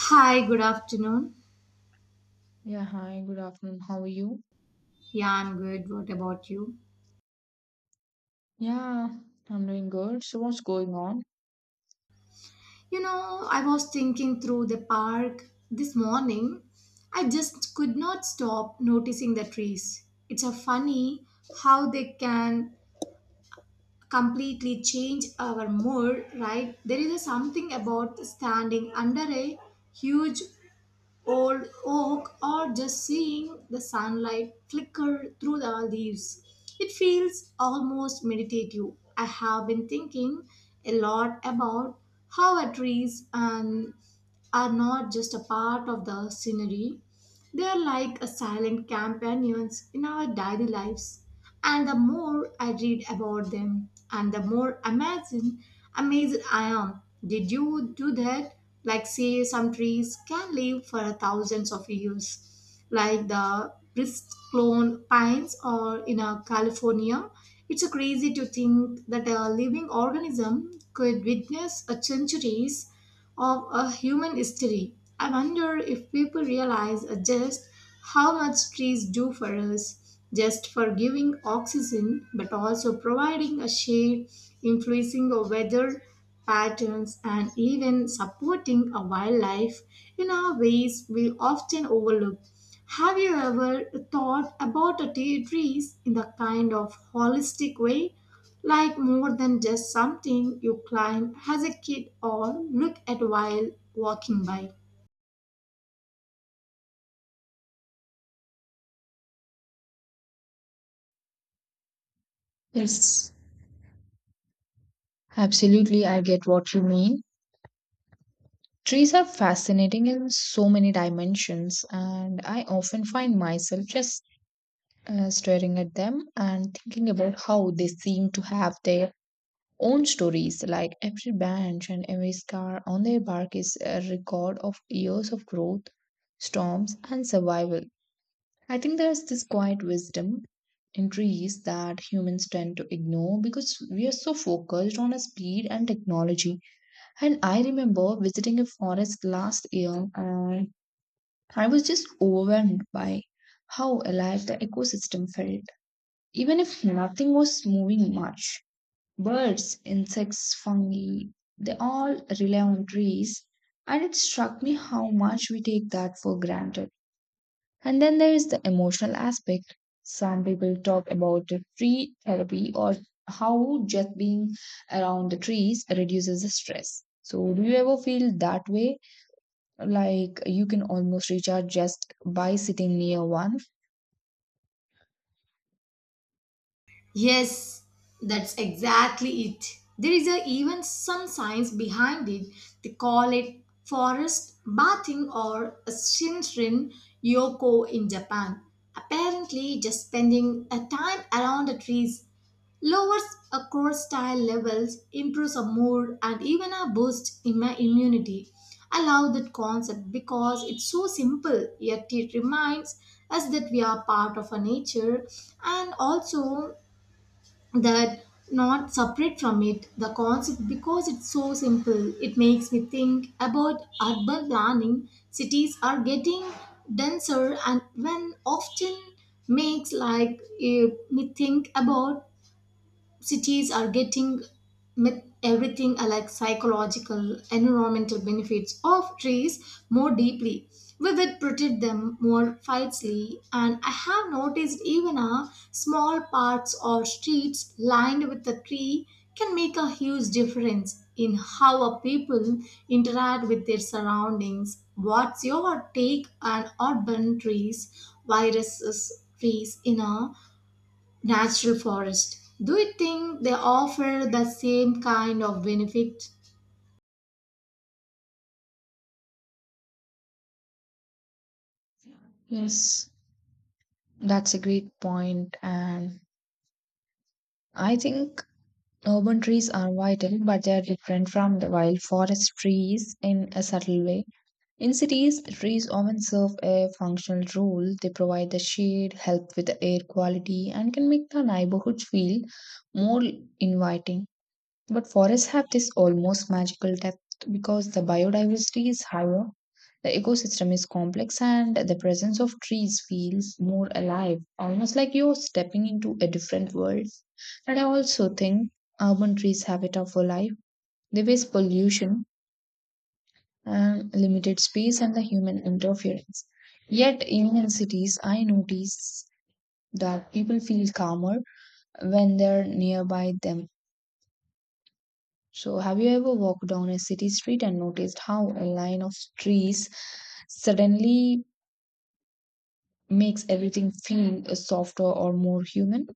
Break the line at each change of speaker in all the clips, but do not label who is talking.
Hi, good afternoon.
Yeah, hi, good afternoon. How are you?
Yeah, I'm good. What about you?
Yeah, I'm doing good. So, what's going on?
You know, I was thinking through the park this morning. I just could not stop noticing the trees. It's a funny how they can completely change our mood, right? There is a something about standing under a huge old oak or just seeing the sunlight flicker through the leaves. It feels almost meditative. I have been thinking a lot about how our trees and are not just a part of the scenery, they are like a silent companions in our daily lives. And the more I read about them, and the more amazing, amazed I am. Did you do that? Like, say, some trees can live for thousands of years, like the Bristol pines or in California. It's a crazy to think that a living organism could witness a centuries of a human history. I wonder if people realize just how much trees do for us, just for giving oxygen, but also providing a shade, influencing our weather patterns, and even supporting a wildlife in our ways we often overlook. Have you ever thought about a tea trees in the kind of holistic way? Like more than just something you climb as a kid or look at while walking by.
Yes, absolutely. I get what you mean. Trees are fascinating in so many dimensions, and I often find myself just staring at them and thinking about how they seem to have their own stories. Like every branch and every scar on their bark is a record of years of growth, storms, and survival. I think there's this quiet wisdom in trees that humans tend to ignore because we are so focused on speed and technology. And I remember visiting a forest last year and I was just overwhelmed by how alive the ecosystem felt. Even if nothing was moving much, birds, insects, fungi, they all rely on trees. And it struck me how much we take that for granted. And then there is the emotional aspect. Some people talk about the tree therapy or how just being around the trees reduces the stress. So, do you ever feel that way? Like you can almost recharge just by sitting near one?
Yes, that's exactly it. There is a, even some science behind it. They call it forest bathing or Shinrin Yoko in Japan. Apparently, just spending a time around the trees lowers cortisol levels, improves our mood, and even a boost in my immunity. I love that concept because it's so simple, yet it reminds us that we are part of our nature and also that not separate from it. The concept, because it's so simple, it makes me think about urban planning. Cities are getting denser and when often makes like me think about cities are getting with everything like psychological environmental benefits of trees more deeply we will protect them more fiercely, and I have noticed even a small parks or streets lined with a tree can make a huge difference in how a people interact with their surroundings. What's your take on urban trees viruses trees in a natural forest. Do you think they offer the same kind of benefit?
Yes, that's a great point. And I think urban trees are vital, but they are different from the wild forest trees in a subtle way. In cities, trees often serve a functional role. They provide the shade, help with the air quality, and can make the neighborhood feel more inviting. But forests have this almost magical depth because the biodiversity is higher, the ecosystem is complex, and the presence of trees feels more alive, almost like you're stepping into a different world. And I also think urban trees have a tougher life. They waste pollution and limited space and the human interference. Yet, in cities, I notice that people feel calmer when they're nearby them. So, have you ever walked down a city street and noticed how a line of trees suddenly makes everything feel softer or more human?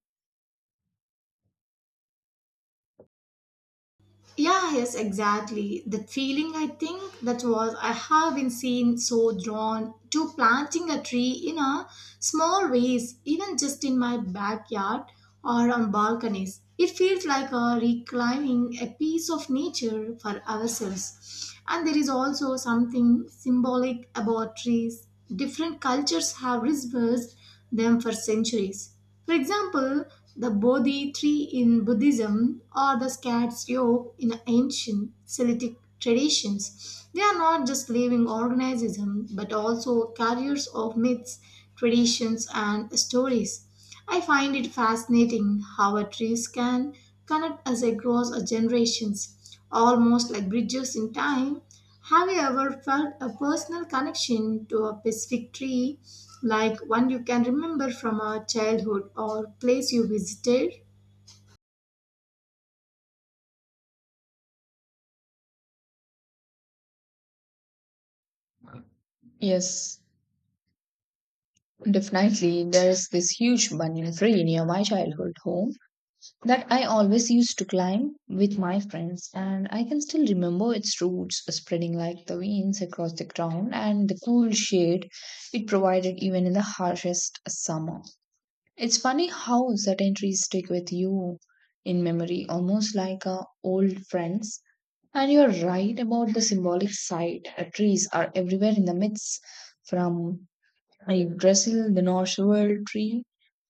Yeah, yes, exactly. The feeling, I think, that was I have been seen so drawn to planting a tree in a small ways, even just in my backyard or on balconies. It feels like a reclaiming a piece of nature for ourselves. And there is also something symbolic about trees. Different cultures have reserved them for centuries. For example, the Bodhi tree in Buddhism or the cat's yoke in ancient Celtic traditions. They are not just living organisms but also carriers of myths, traditions, and stories. I find it fascinating how a trees can connect us across a generations, almost like bridges in time. Have you ever felt a personal connection to a specific tree, like one you can remember from a childhood or place you visited?
Yes, definitely. There's this huge banyan tree near my childhood home, that I always used to climb with my friends, and I can still remember its roots spreading like the winds across the ground and the cool shade it provided even in the harshest summer. It's funny how certain trees stick with you in memory, almost like old friends. And you're right about the symbolic side. Trees are everywhere in the myths, from I Brazil, the Norse world tree,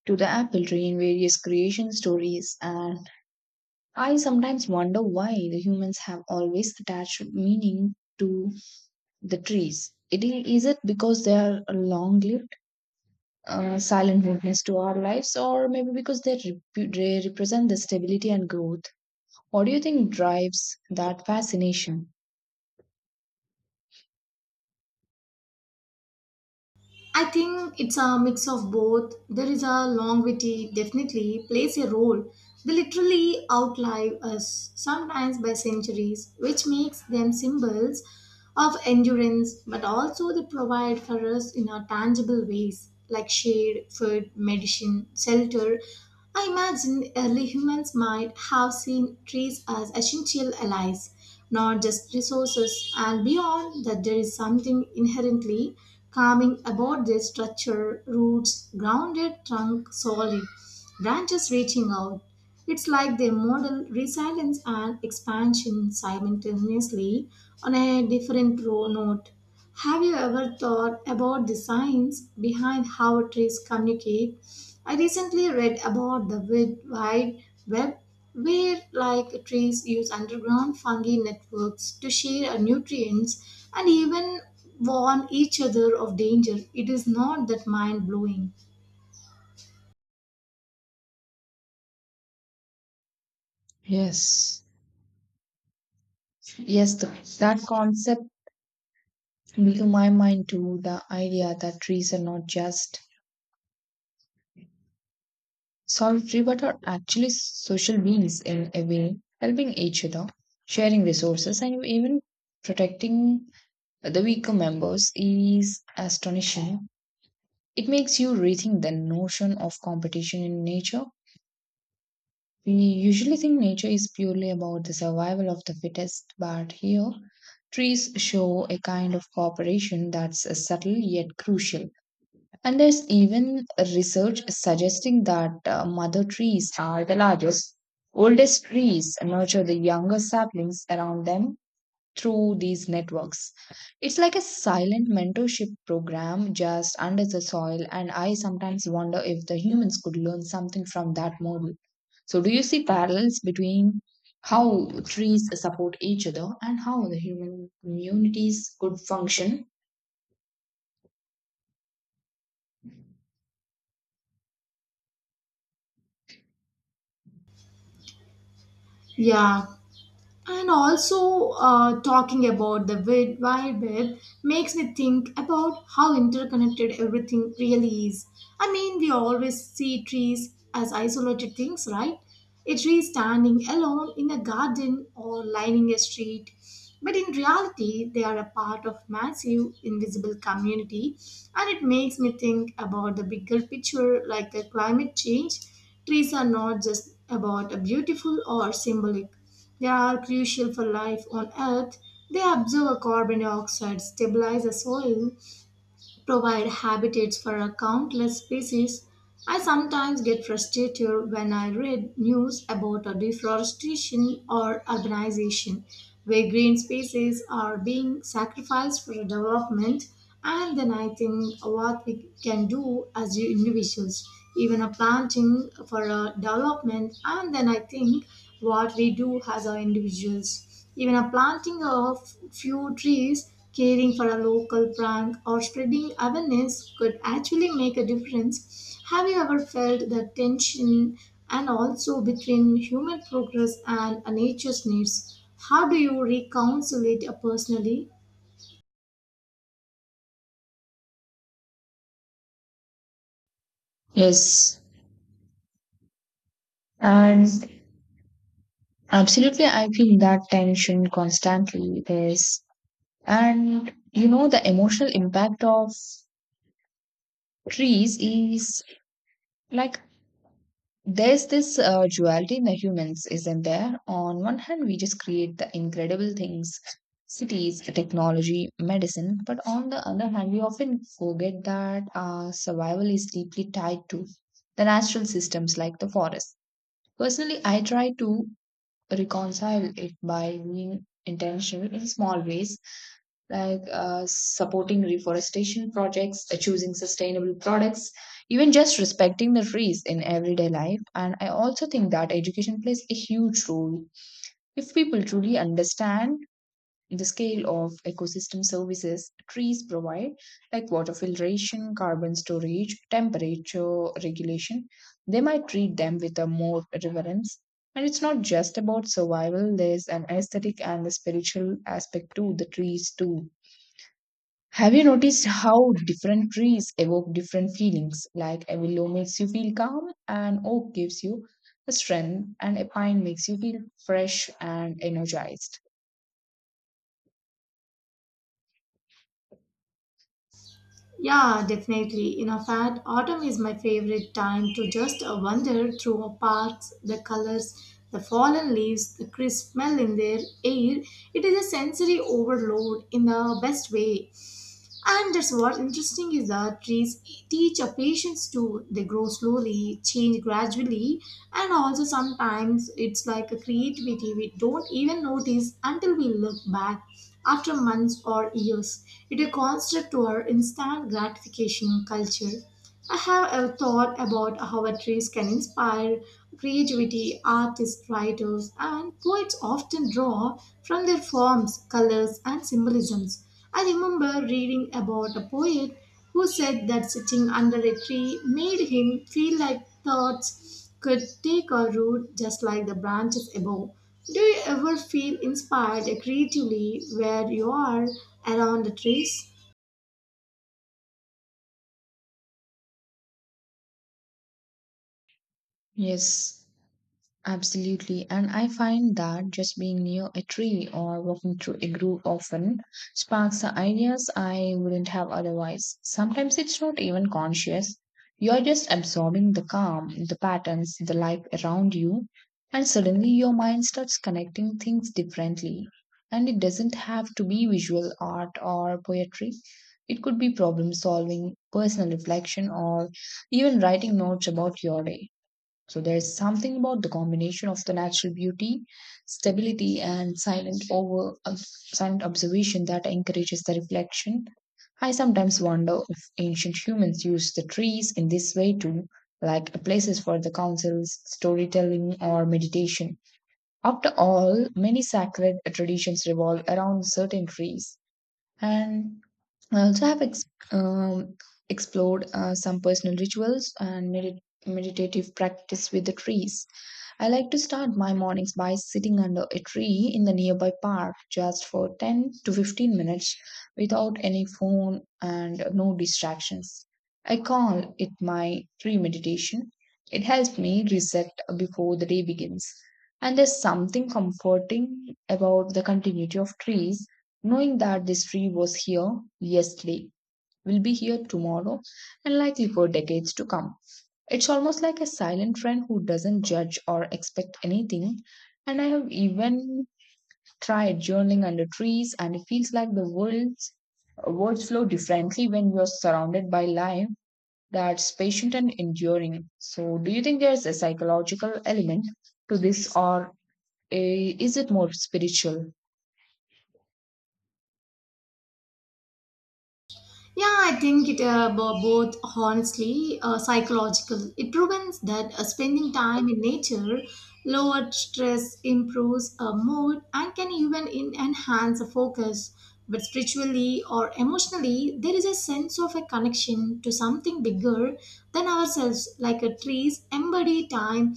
to the apple tree in various creation stories. And I sometimes wonder why the humans have always attached meaning to the trees. Is it because they are a long-lived, silent witness to our lives, or maybe because they represent the stability and growth? What do you think drives that fascination?
I think it's a mix of both. There is a longevity definitely plays a role. They literally outlive us, sometimes by centuries, which makes them symbols of endurance, but also they provide for us in our tangible ways, like shade, food, medicine, shelter. I imagine early humans might have seen trees as essential allies not just resources. And beyond that, there is something inherently calming about their structure, roots, grounded, trunk solid, branches reaching out. It's like they model resilience and expansion simultaneously on a different row note. Have you ever thought about the science behind how trees communicate? I recently read about the wide web where like trees use underground fungi networks to share nutrients and even warn each other of danger. It is not that mind blowing.
Yes, Yes, that concept blew my mind too. The idea that trees are not just Salt River are actually social beings in a way, helping each other, sharing resources, and even protecting the weaker members is astonishing. It makes you rethink the notion of competition in nature. We usually think nature is purely about the survival of the fittest, but here, trees show a kind of cooperation that's subtle yet crucial. And there's even research suggesting that mother trees are the largest, oldest trees and nurture the younger saplings around them through these networks. It's like a silent mentorship program just under the soil, and I sometimes wonder if the humans could learn something from that model. So, do you see parallels between how trees support each other and how the human communities could function?
Yeah, and also, talking about the wide web makes me think about how interconnected everything really is. I mean, we always see trees as isolated things, right? A tree standing alone in a garden or lining a street. But in reality, they are a part of massive invisible community, and it makes me think about the bigger picture, like the climate change. Trees are not just about a beautiful or symbolic. They are crucial for life on Earth. They absorb carbon dioxide, stabilize the soil, provide habitats for a countless species. I sometimes get frustrated when I read news about a deforestation or urbanization where green spaces are being sacrificed for development, and then I think what we can do as individuals, even a planting for a development and then I think what we do as our individuals. Even a planting of few trees, caring for a local plant, or spreading awareness could actually make a difference. Have you ever felt the tension and also between human progress and a nature's needs? How do you reconcile it personally?
Yes. And Absolutely, I feel that tension constantly. And you know, the emotional impact of trees is like there's this duality in the humans, isn't there? On one hand, we just create the incredible things, cities, technology, medicine, but on the other hand, we often forget that our survival is deeply tied to the natural systems like the forest. Personally, I try to reconcile it by being intentional in small ways like supporting reforestation projects, choosing sustainable products, even just respecting the trees in everyday life. And I also think that education plays a huge role. If people truly understand the scale of ecosystem services trees provide, like water filtration, carbon storage, temperature regulation, they might treat them with a more reverence. And it's not just about survival, there's an aesthetic and a spiritual aspect to the trees too. Have you noticed how different trees evoke different feelings? Like a willow makes you feel calm, an oak gives you a strength, and a pine makes you feel fresh and energized.
Yeah, definitely. In a fact, autumn is my favorite time to just wander through our parks, the colors, the fallen leaves, the crisp smell in their air. It is a sensory overload in the best way. And that's what interesting is that trees teach our patience too. They grow slowly, change gradually, and also sometimes it's like a creativity we don't even notice until we look back after months or years. It's a constant to our instant gratification culture. I have thought about how a trees can inspire creativity. Artists, writers, and poets often draw from their forms, colors, and symbolisms. I remember reading about a poet who said that sitting under a tree made him feel like thoughts could take a root just like the branches above. Do you ever feel inspired creatively where you are around the trees?
Yes. Absolutely. And I find that just being near a tree or walking through a grove often sparks the ideas I wouldn't have otherwise. Sometimes it's not even conscious. You're just absorbing the calm, the patterns, the life around you, and suddenly your mind starts connecting things differently. And it doesn't have to be visual art or poetry. It could be problem solving, personal reflection, or even writing notes about your day. So there's something about the combination of the natural beauty, stability, and silent observation that encourages the reflection. I sometimes wonder if ancient humans used the trees in this way too, like places for the councils, storytelling, or meditation. After all, many sacred traditions revolve around certain trees. And so I also have ex- um, explored some personal rituals and meditative practice with the trees. I like to start my mornings by sitting under a tree in the nearby park just for 10 to 15 minutes without any phone and no distractions. I call it my tree meditation. It helps me reset before the day begins. And there's something comforting about the continuity of trees, knowing that this tree was here yesterday, will be here tomorrow, and likely for decades to come. It's almost like a silent friend who doesn't judge or expect anything. And I have even tried journaling under trees, and it feels like the world's words flow differently when you're surrounded by life that's patient and enduring. So, do you think there's a psychological element to this, or is it more spiritual?
Yeah, I think it both honestly, psychological. It proves that spending time in nature lowers stress, improves mood, and can even enhance the focus. But spiritually or emotionally, there is a sense of a connection to something bigger than ourselves, like a trees embody time,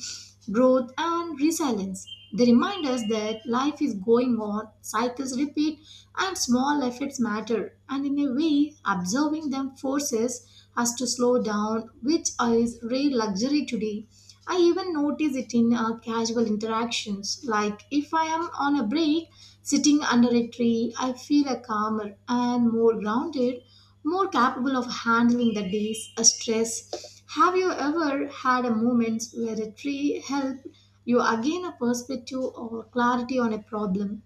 growth, and resilience. They remind us that life is going on, cycles repeat, and small efforts matter, and in a way, observing them forces us to slow down, which is rare luxury today. I even notice it in casual interactions, like if I am on a break, sitting under a tree, I feel a calmer and more grounded, more capable of handling the day's stress. Have you ever had a moment where a tree helped you gain a perspective or clarity on a problem?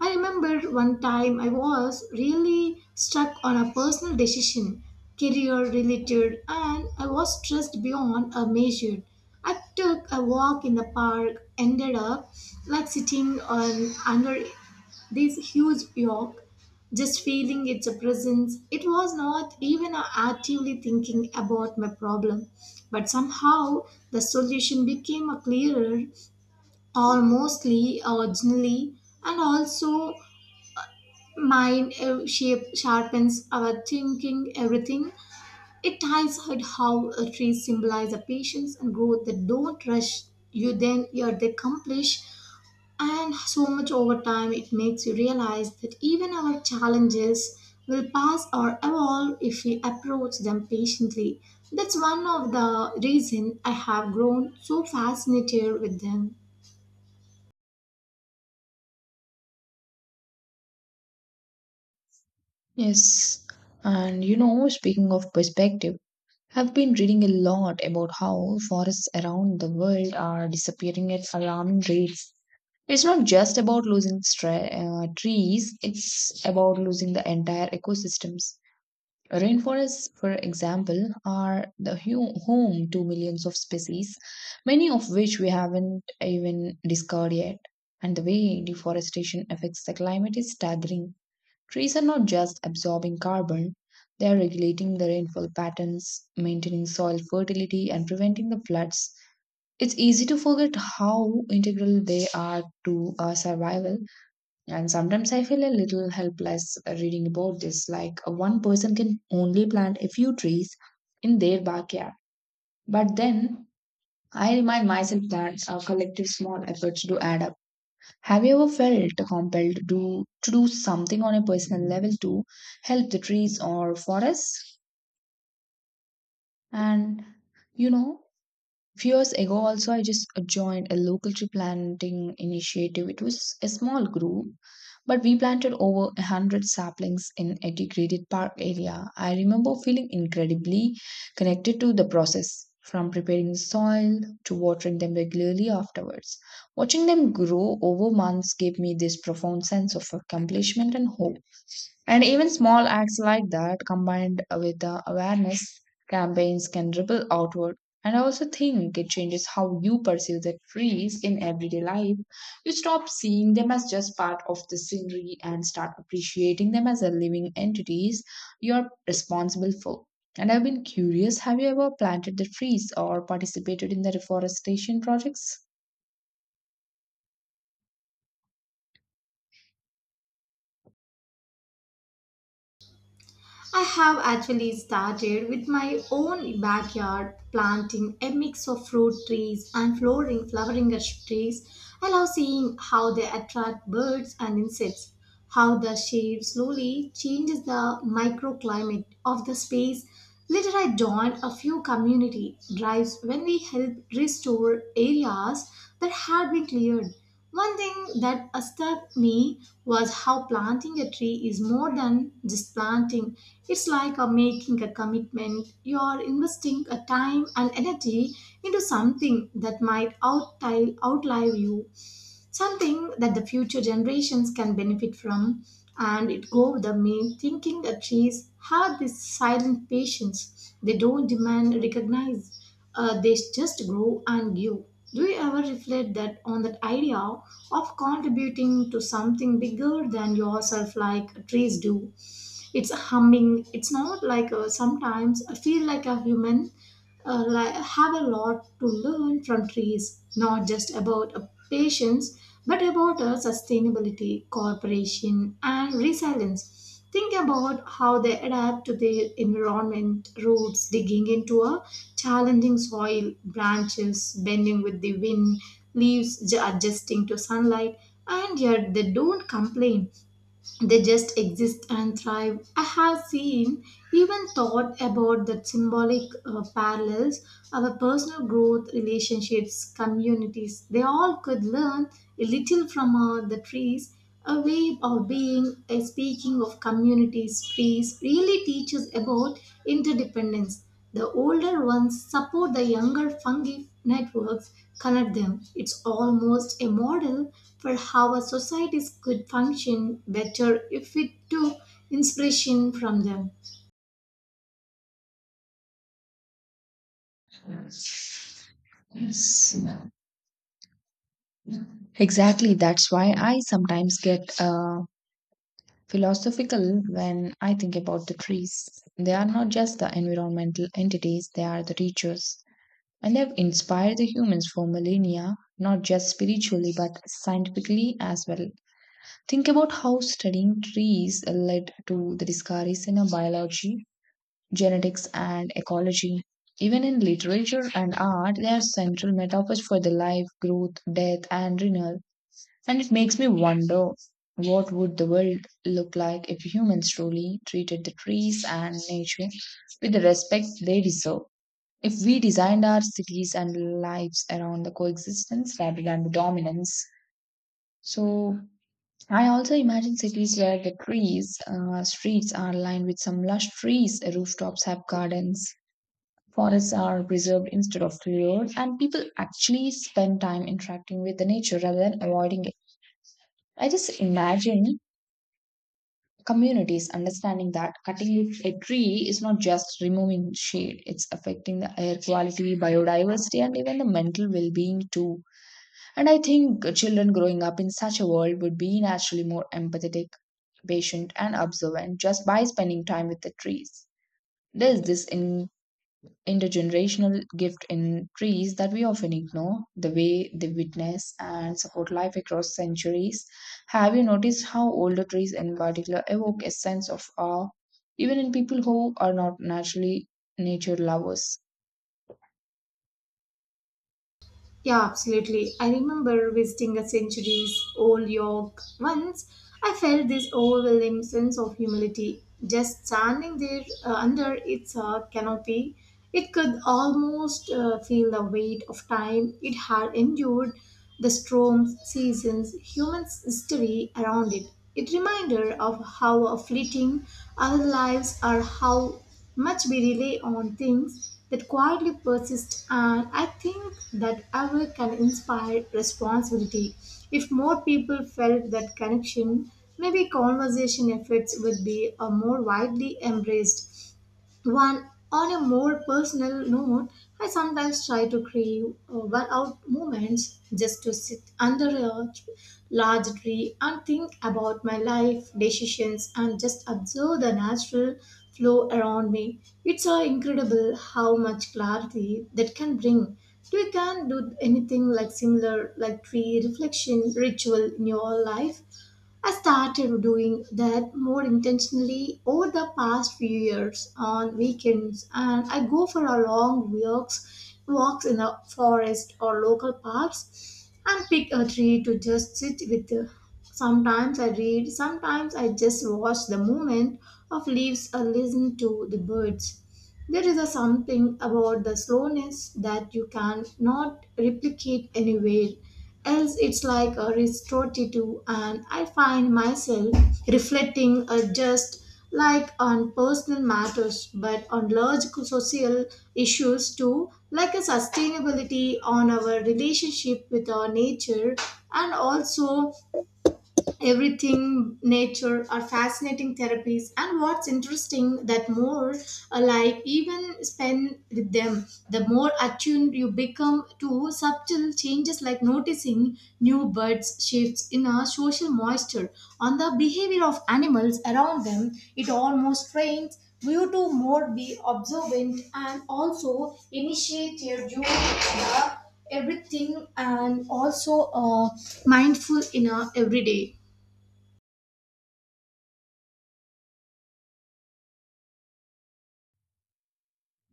I remember one time I was really stuck on a personal decision, career related, and I was stressed beyond a measure. I took a walk in the park, ended up like sitting on under this huge york, just feeling its presence. It was not even actively thinking about my problem, but somehow the solution became a clearer, almostly originally, and also mind shape sharpens our thinking, everything. It ties out how trees symbolize the patience and growth that don't rush you then you're they accomplish and so much over time it makes you realize that even our challenges will pass or evolve if we approach them patiently. That's one of the reason I have grown so fascinated with them.
Yes, and you know, speaking of perspective, I've been reading a lot about how forests around the world are disappearing at alarming rates. It's not just about losing trees, it's about losing the entire ecosystems. Rainforests, for example, are the home to millions of species, many of which we haven't even discovered yet. And the way deforestation affects the climate is staggering. Trees are not just absorbing carbon, they are regulating the rainfall patterns, maintaining soil fertility, and preventing the floods. It's easy to forget how integral they are to our survival, and sometimes I feel a little helpless reading about this. Like, one person can only plant a few trees in their backyard. But then I remind myself that our collective small efforts do add up. Have you ever felt compelled to do something on a personal level to help the trees or forests? And you know, few years ago also I just joined a local tree planting initiative. It was a small group but we planted over a 100 saplings in a degraded park area. I remember feeling incredibly connected to the process, from preparing soil to watering them regularly afterwards. Watching them grow over months gave me this profound sense of accomplishment and hope, and even small acts like that combined with the awareness campaigns can ripple outward. And I also think it changes how you perceive the trees in everyday life. You stop seeing them as just part of the scenery and start appreciating them as a living entities you're responsible for. And I've been curious, have you ever planted the trees or participated in the reforestation projects?
I have actually started with my own backyard planting a mix of fruit trees and flowering trees. I love seeing how they attract birds and insects, how the shape slowly changes the microclimate of the space. Later I joined a few community drives when we help restore areas that had been cleared. One thing that struck me was how planting a tree is more than just planting. It's like a making a commitment. You're investing a time and energy into something that might outlive you, something that the future generations can benefit from. And it goes the me thinking that trees have this silent patience. They don't demand recognize. They just grow and give. Do you ever reflect that on that idea of contributing to something bigger than yourself like trees do? It's humming. It's not like sometimes I feel like a human like, have a lot to learn from trees, not just about patience but about sustainability, cooperation, and resilience. Think about how they adapt to their environment, roots digging into a challenging soil, branches bending with the wind, leaves adjusting to sunlight, and yet they don't complain, they just exist and thrive. I have seen, even thought about the symbolic parallels, our personal growth, relationships, communities. They all could learn a little from the trees. A way of being, a speaking of communities, trees really teaches about interdependence. The older ones support the younger fungi networks, connect them. It's almost a model for how our societies could function better if we took inspiration from them.
Exactly, that's why I sometimes get philosophical when I think about the trees. They are not just the environmental entities, they are the teachers. And have inspired the humans for millennia, not just spiritually but scientifically as well. Think about how studying trees led to the discoveries in biology, genetics, and ecology. Even in literature and art, they are central metaphors for the life, growth, death, and renewal. And it makes me wonder what would the world look like if humans truly treated the trees and nature with the respect they deserve. If we designed our cities and lives around the coexistence rather than the dominance, so I also imagine cities where streets are lined with some lush trees, rooftops have gardens, forests are preserved instead of cleared, and people actually spend time interacting with the nature rather than avoiding it. I just imagine communities understanding that cutting a tree is not just removing shade, it's affecting the air quality, biodiversity, and even the mental well being too. And I think children growing up in such a world would be naturally more empathetic, patient, and observant just by spending time with the trees. There's this intergenerational gift in trees that we often ignore, the way they witness and support life across centuries. Have you noticed how older trees, in particular, evoke a sense of awe, even in people who are not naturally nature lovers?
Yeah, absolutely. I remember visiting a centuries old York once. I felt this overwhelming sense of humility just standing there under its canopy. It could almost feel the weight of time it had endured, the storms, seasons, human history around it. It reminded of how fleeting our lives are, how much we rely on things that quietly persist, and I think that aware can inspire responsibility. If more people felt that connection, maybe conversation efforts would be more widely embraced. One, on a more personal note, I sometimes try to crave out moments just to sit under a large tree and think about my life, decisions, and just observe the natural flow around me. It's incredible how much clarity that can bring. Do you can do anything like similar, like tree reflection ritual in your life? I started doing that more intentionally over the past few years on weekends, and I go for a long walks in the forest or local parks and pick a tree to just sit with. Sometimes I read, sometimes I just watch the movement of leaves or listen to the birds. There is a something about the slowness that you can not replicate anywhere else, it's like a restorative, and I find myself reflecting just like on personal matters but on large social issues too, like a sustainability on our relationship with our nature and also everything nature are fascinating therapies, and what's interesting that more like even spend with them the more attuned you become to subtle changes, like noticing new birds shifts in a social moisture on the behavior of animals around them. It almost trains you to more be observant and also initiate your you the everything and also mindful in a everyday.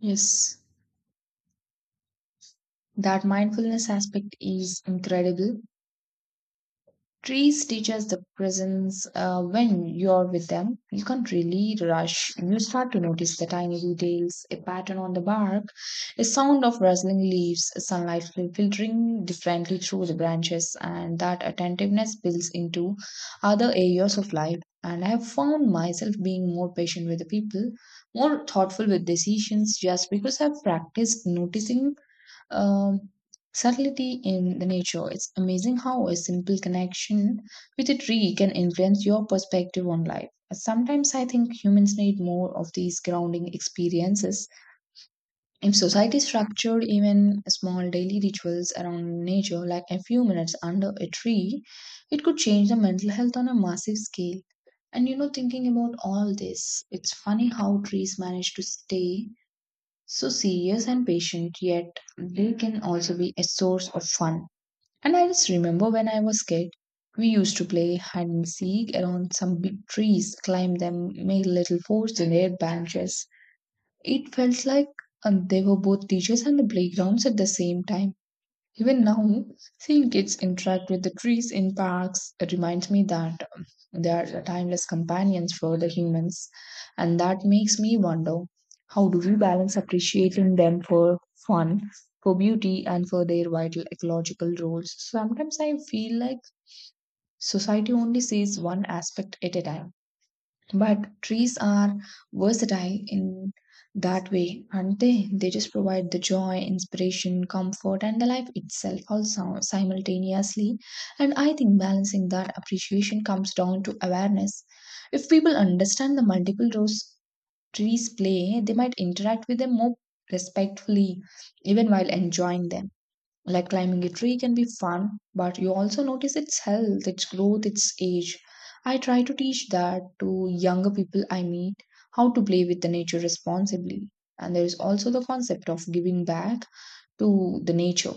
Yes, that mindfulness aspect is incredible. Trees teach us the presence when you're with them. You can't really rush. You start to notice the tiny details, a pattern on the bark, a sound of rustling leaves, sunlight filtering differently through the branches, and that attentiveness builds into other areas of life. And I have found myself being more patient with the people, more thoughtful with decisions, just because I've practiced noticing um, subtlety in the nature. It's amazing how a simple connection with a tree can influence your perspective on life. Sometimes I think humans need more of these grounding experiences. If society structured even small daily rituals around nature, like a few minutes under a tree, it could change the mental health on a massive scale. And you know, thinking about all this, it's funny how trees manage to stay so serious and patient, yet they can also be a source of fun. And I just remember when I was kid, we used to play hide and seek around some big trees, climb them, make little forts in their branches. It felt like they were both teachers and the playgrounds at the same time. Even now, seeing kids interact with the trees in parks reminds me that they are timeless companions for the humans, and that makes me wonder how do we balance appreciating them for fun, for beauty, and for their vital ecological roles? Sometimes I feel like society only sees one aspect at a time. But trees are versatile in that way, aren't they? They just provide the joy, inspiration, comfort, and the life itself also simultaneously. And I think balancing that appreciation comes down to awareness. If people understand the multiple roles trees play, they might interact with them more respectfully, even while enjoying them. Like climbing a tree can be fun, but you also notice its health, its growth, its age. I try to teach that to younger people I meet how to play with the nature responsibly. And there is also the concept of giving back to the nature,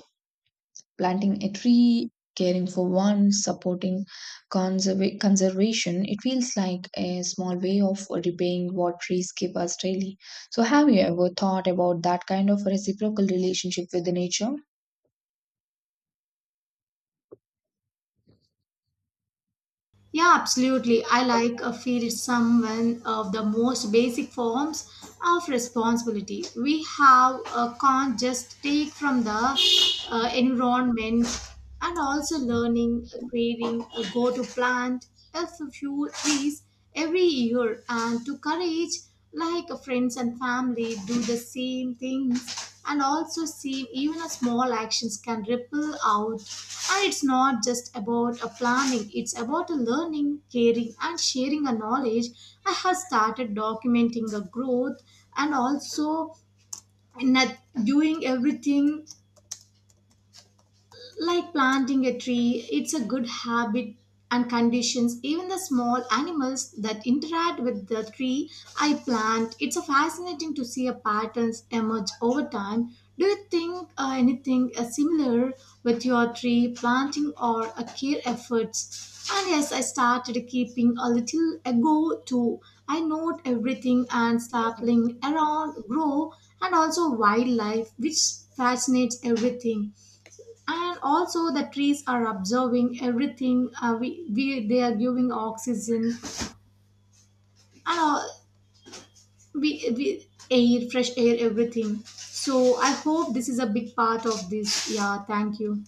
planting a tree, caring for one, supporting conservation. It feels like a small way of repaying what trees give us daily. So, have you ever thought about that kind of reciprocal relationship with the nature?
Yeah, absolutely. I like a feel some one of the most basic forms of responsibility. We have can't just take from the environment and also learning, creating a go to plant, a few trees every year and to courage like friends and family do the same things, and also seem even a small actions can ripple out, and it's not just about a planning, it's about a learning, caring, and sharing a knowledge. I have started documenting the growth and also not doing everything like planting a tree, it's a good habit and conditions even the small animals that interact with the tree I plant. It's a fascinating to see a patterns emerge over time. Do you think anything similar with your tree planting or a care efforts? And yes, I started keeping a little ago too. I note everything and sapling around grow and also wildlife, which fascinates everything and also the trees are absorbing everything we they are giving oxygen and all, we air fresh air everything, so I hope this is a big part of this. Yeah, thank you.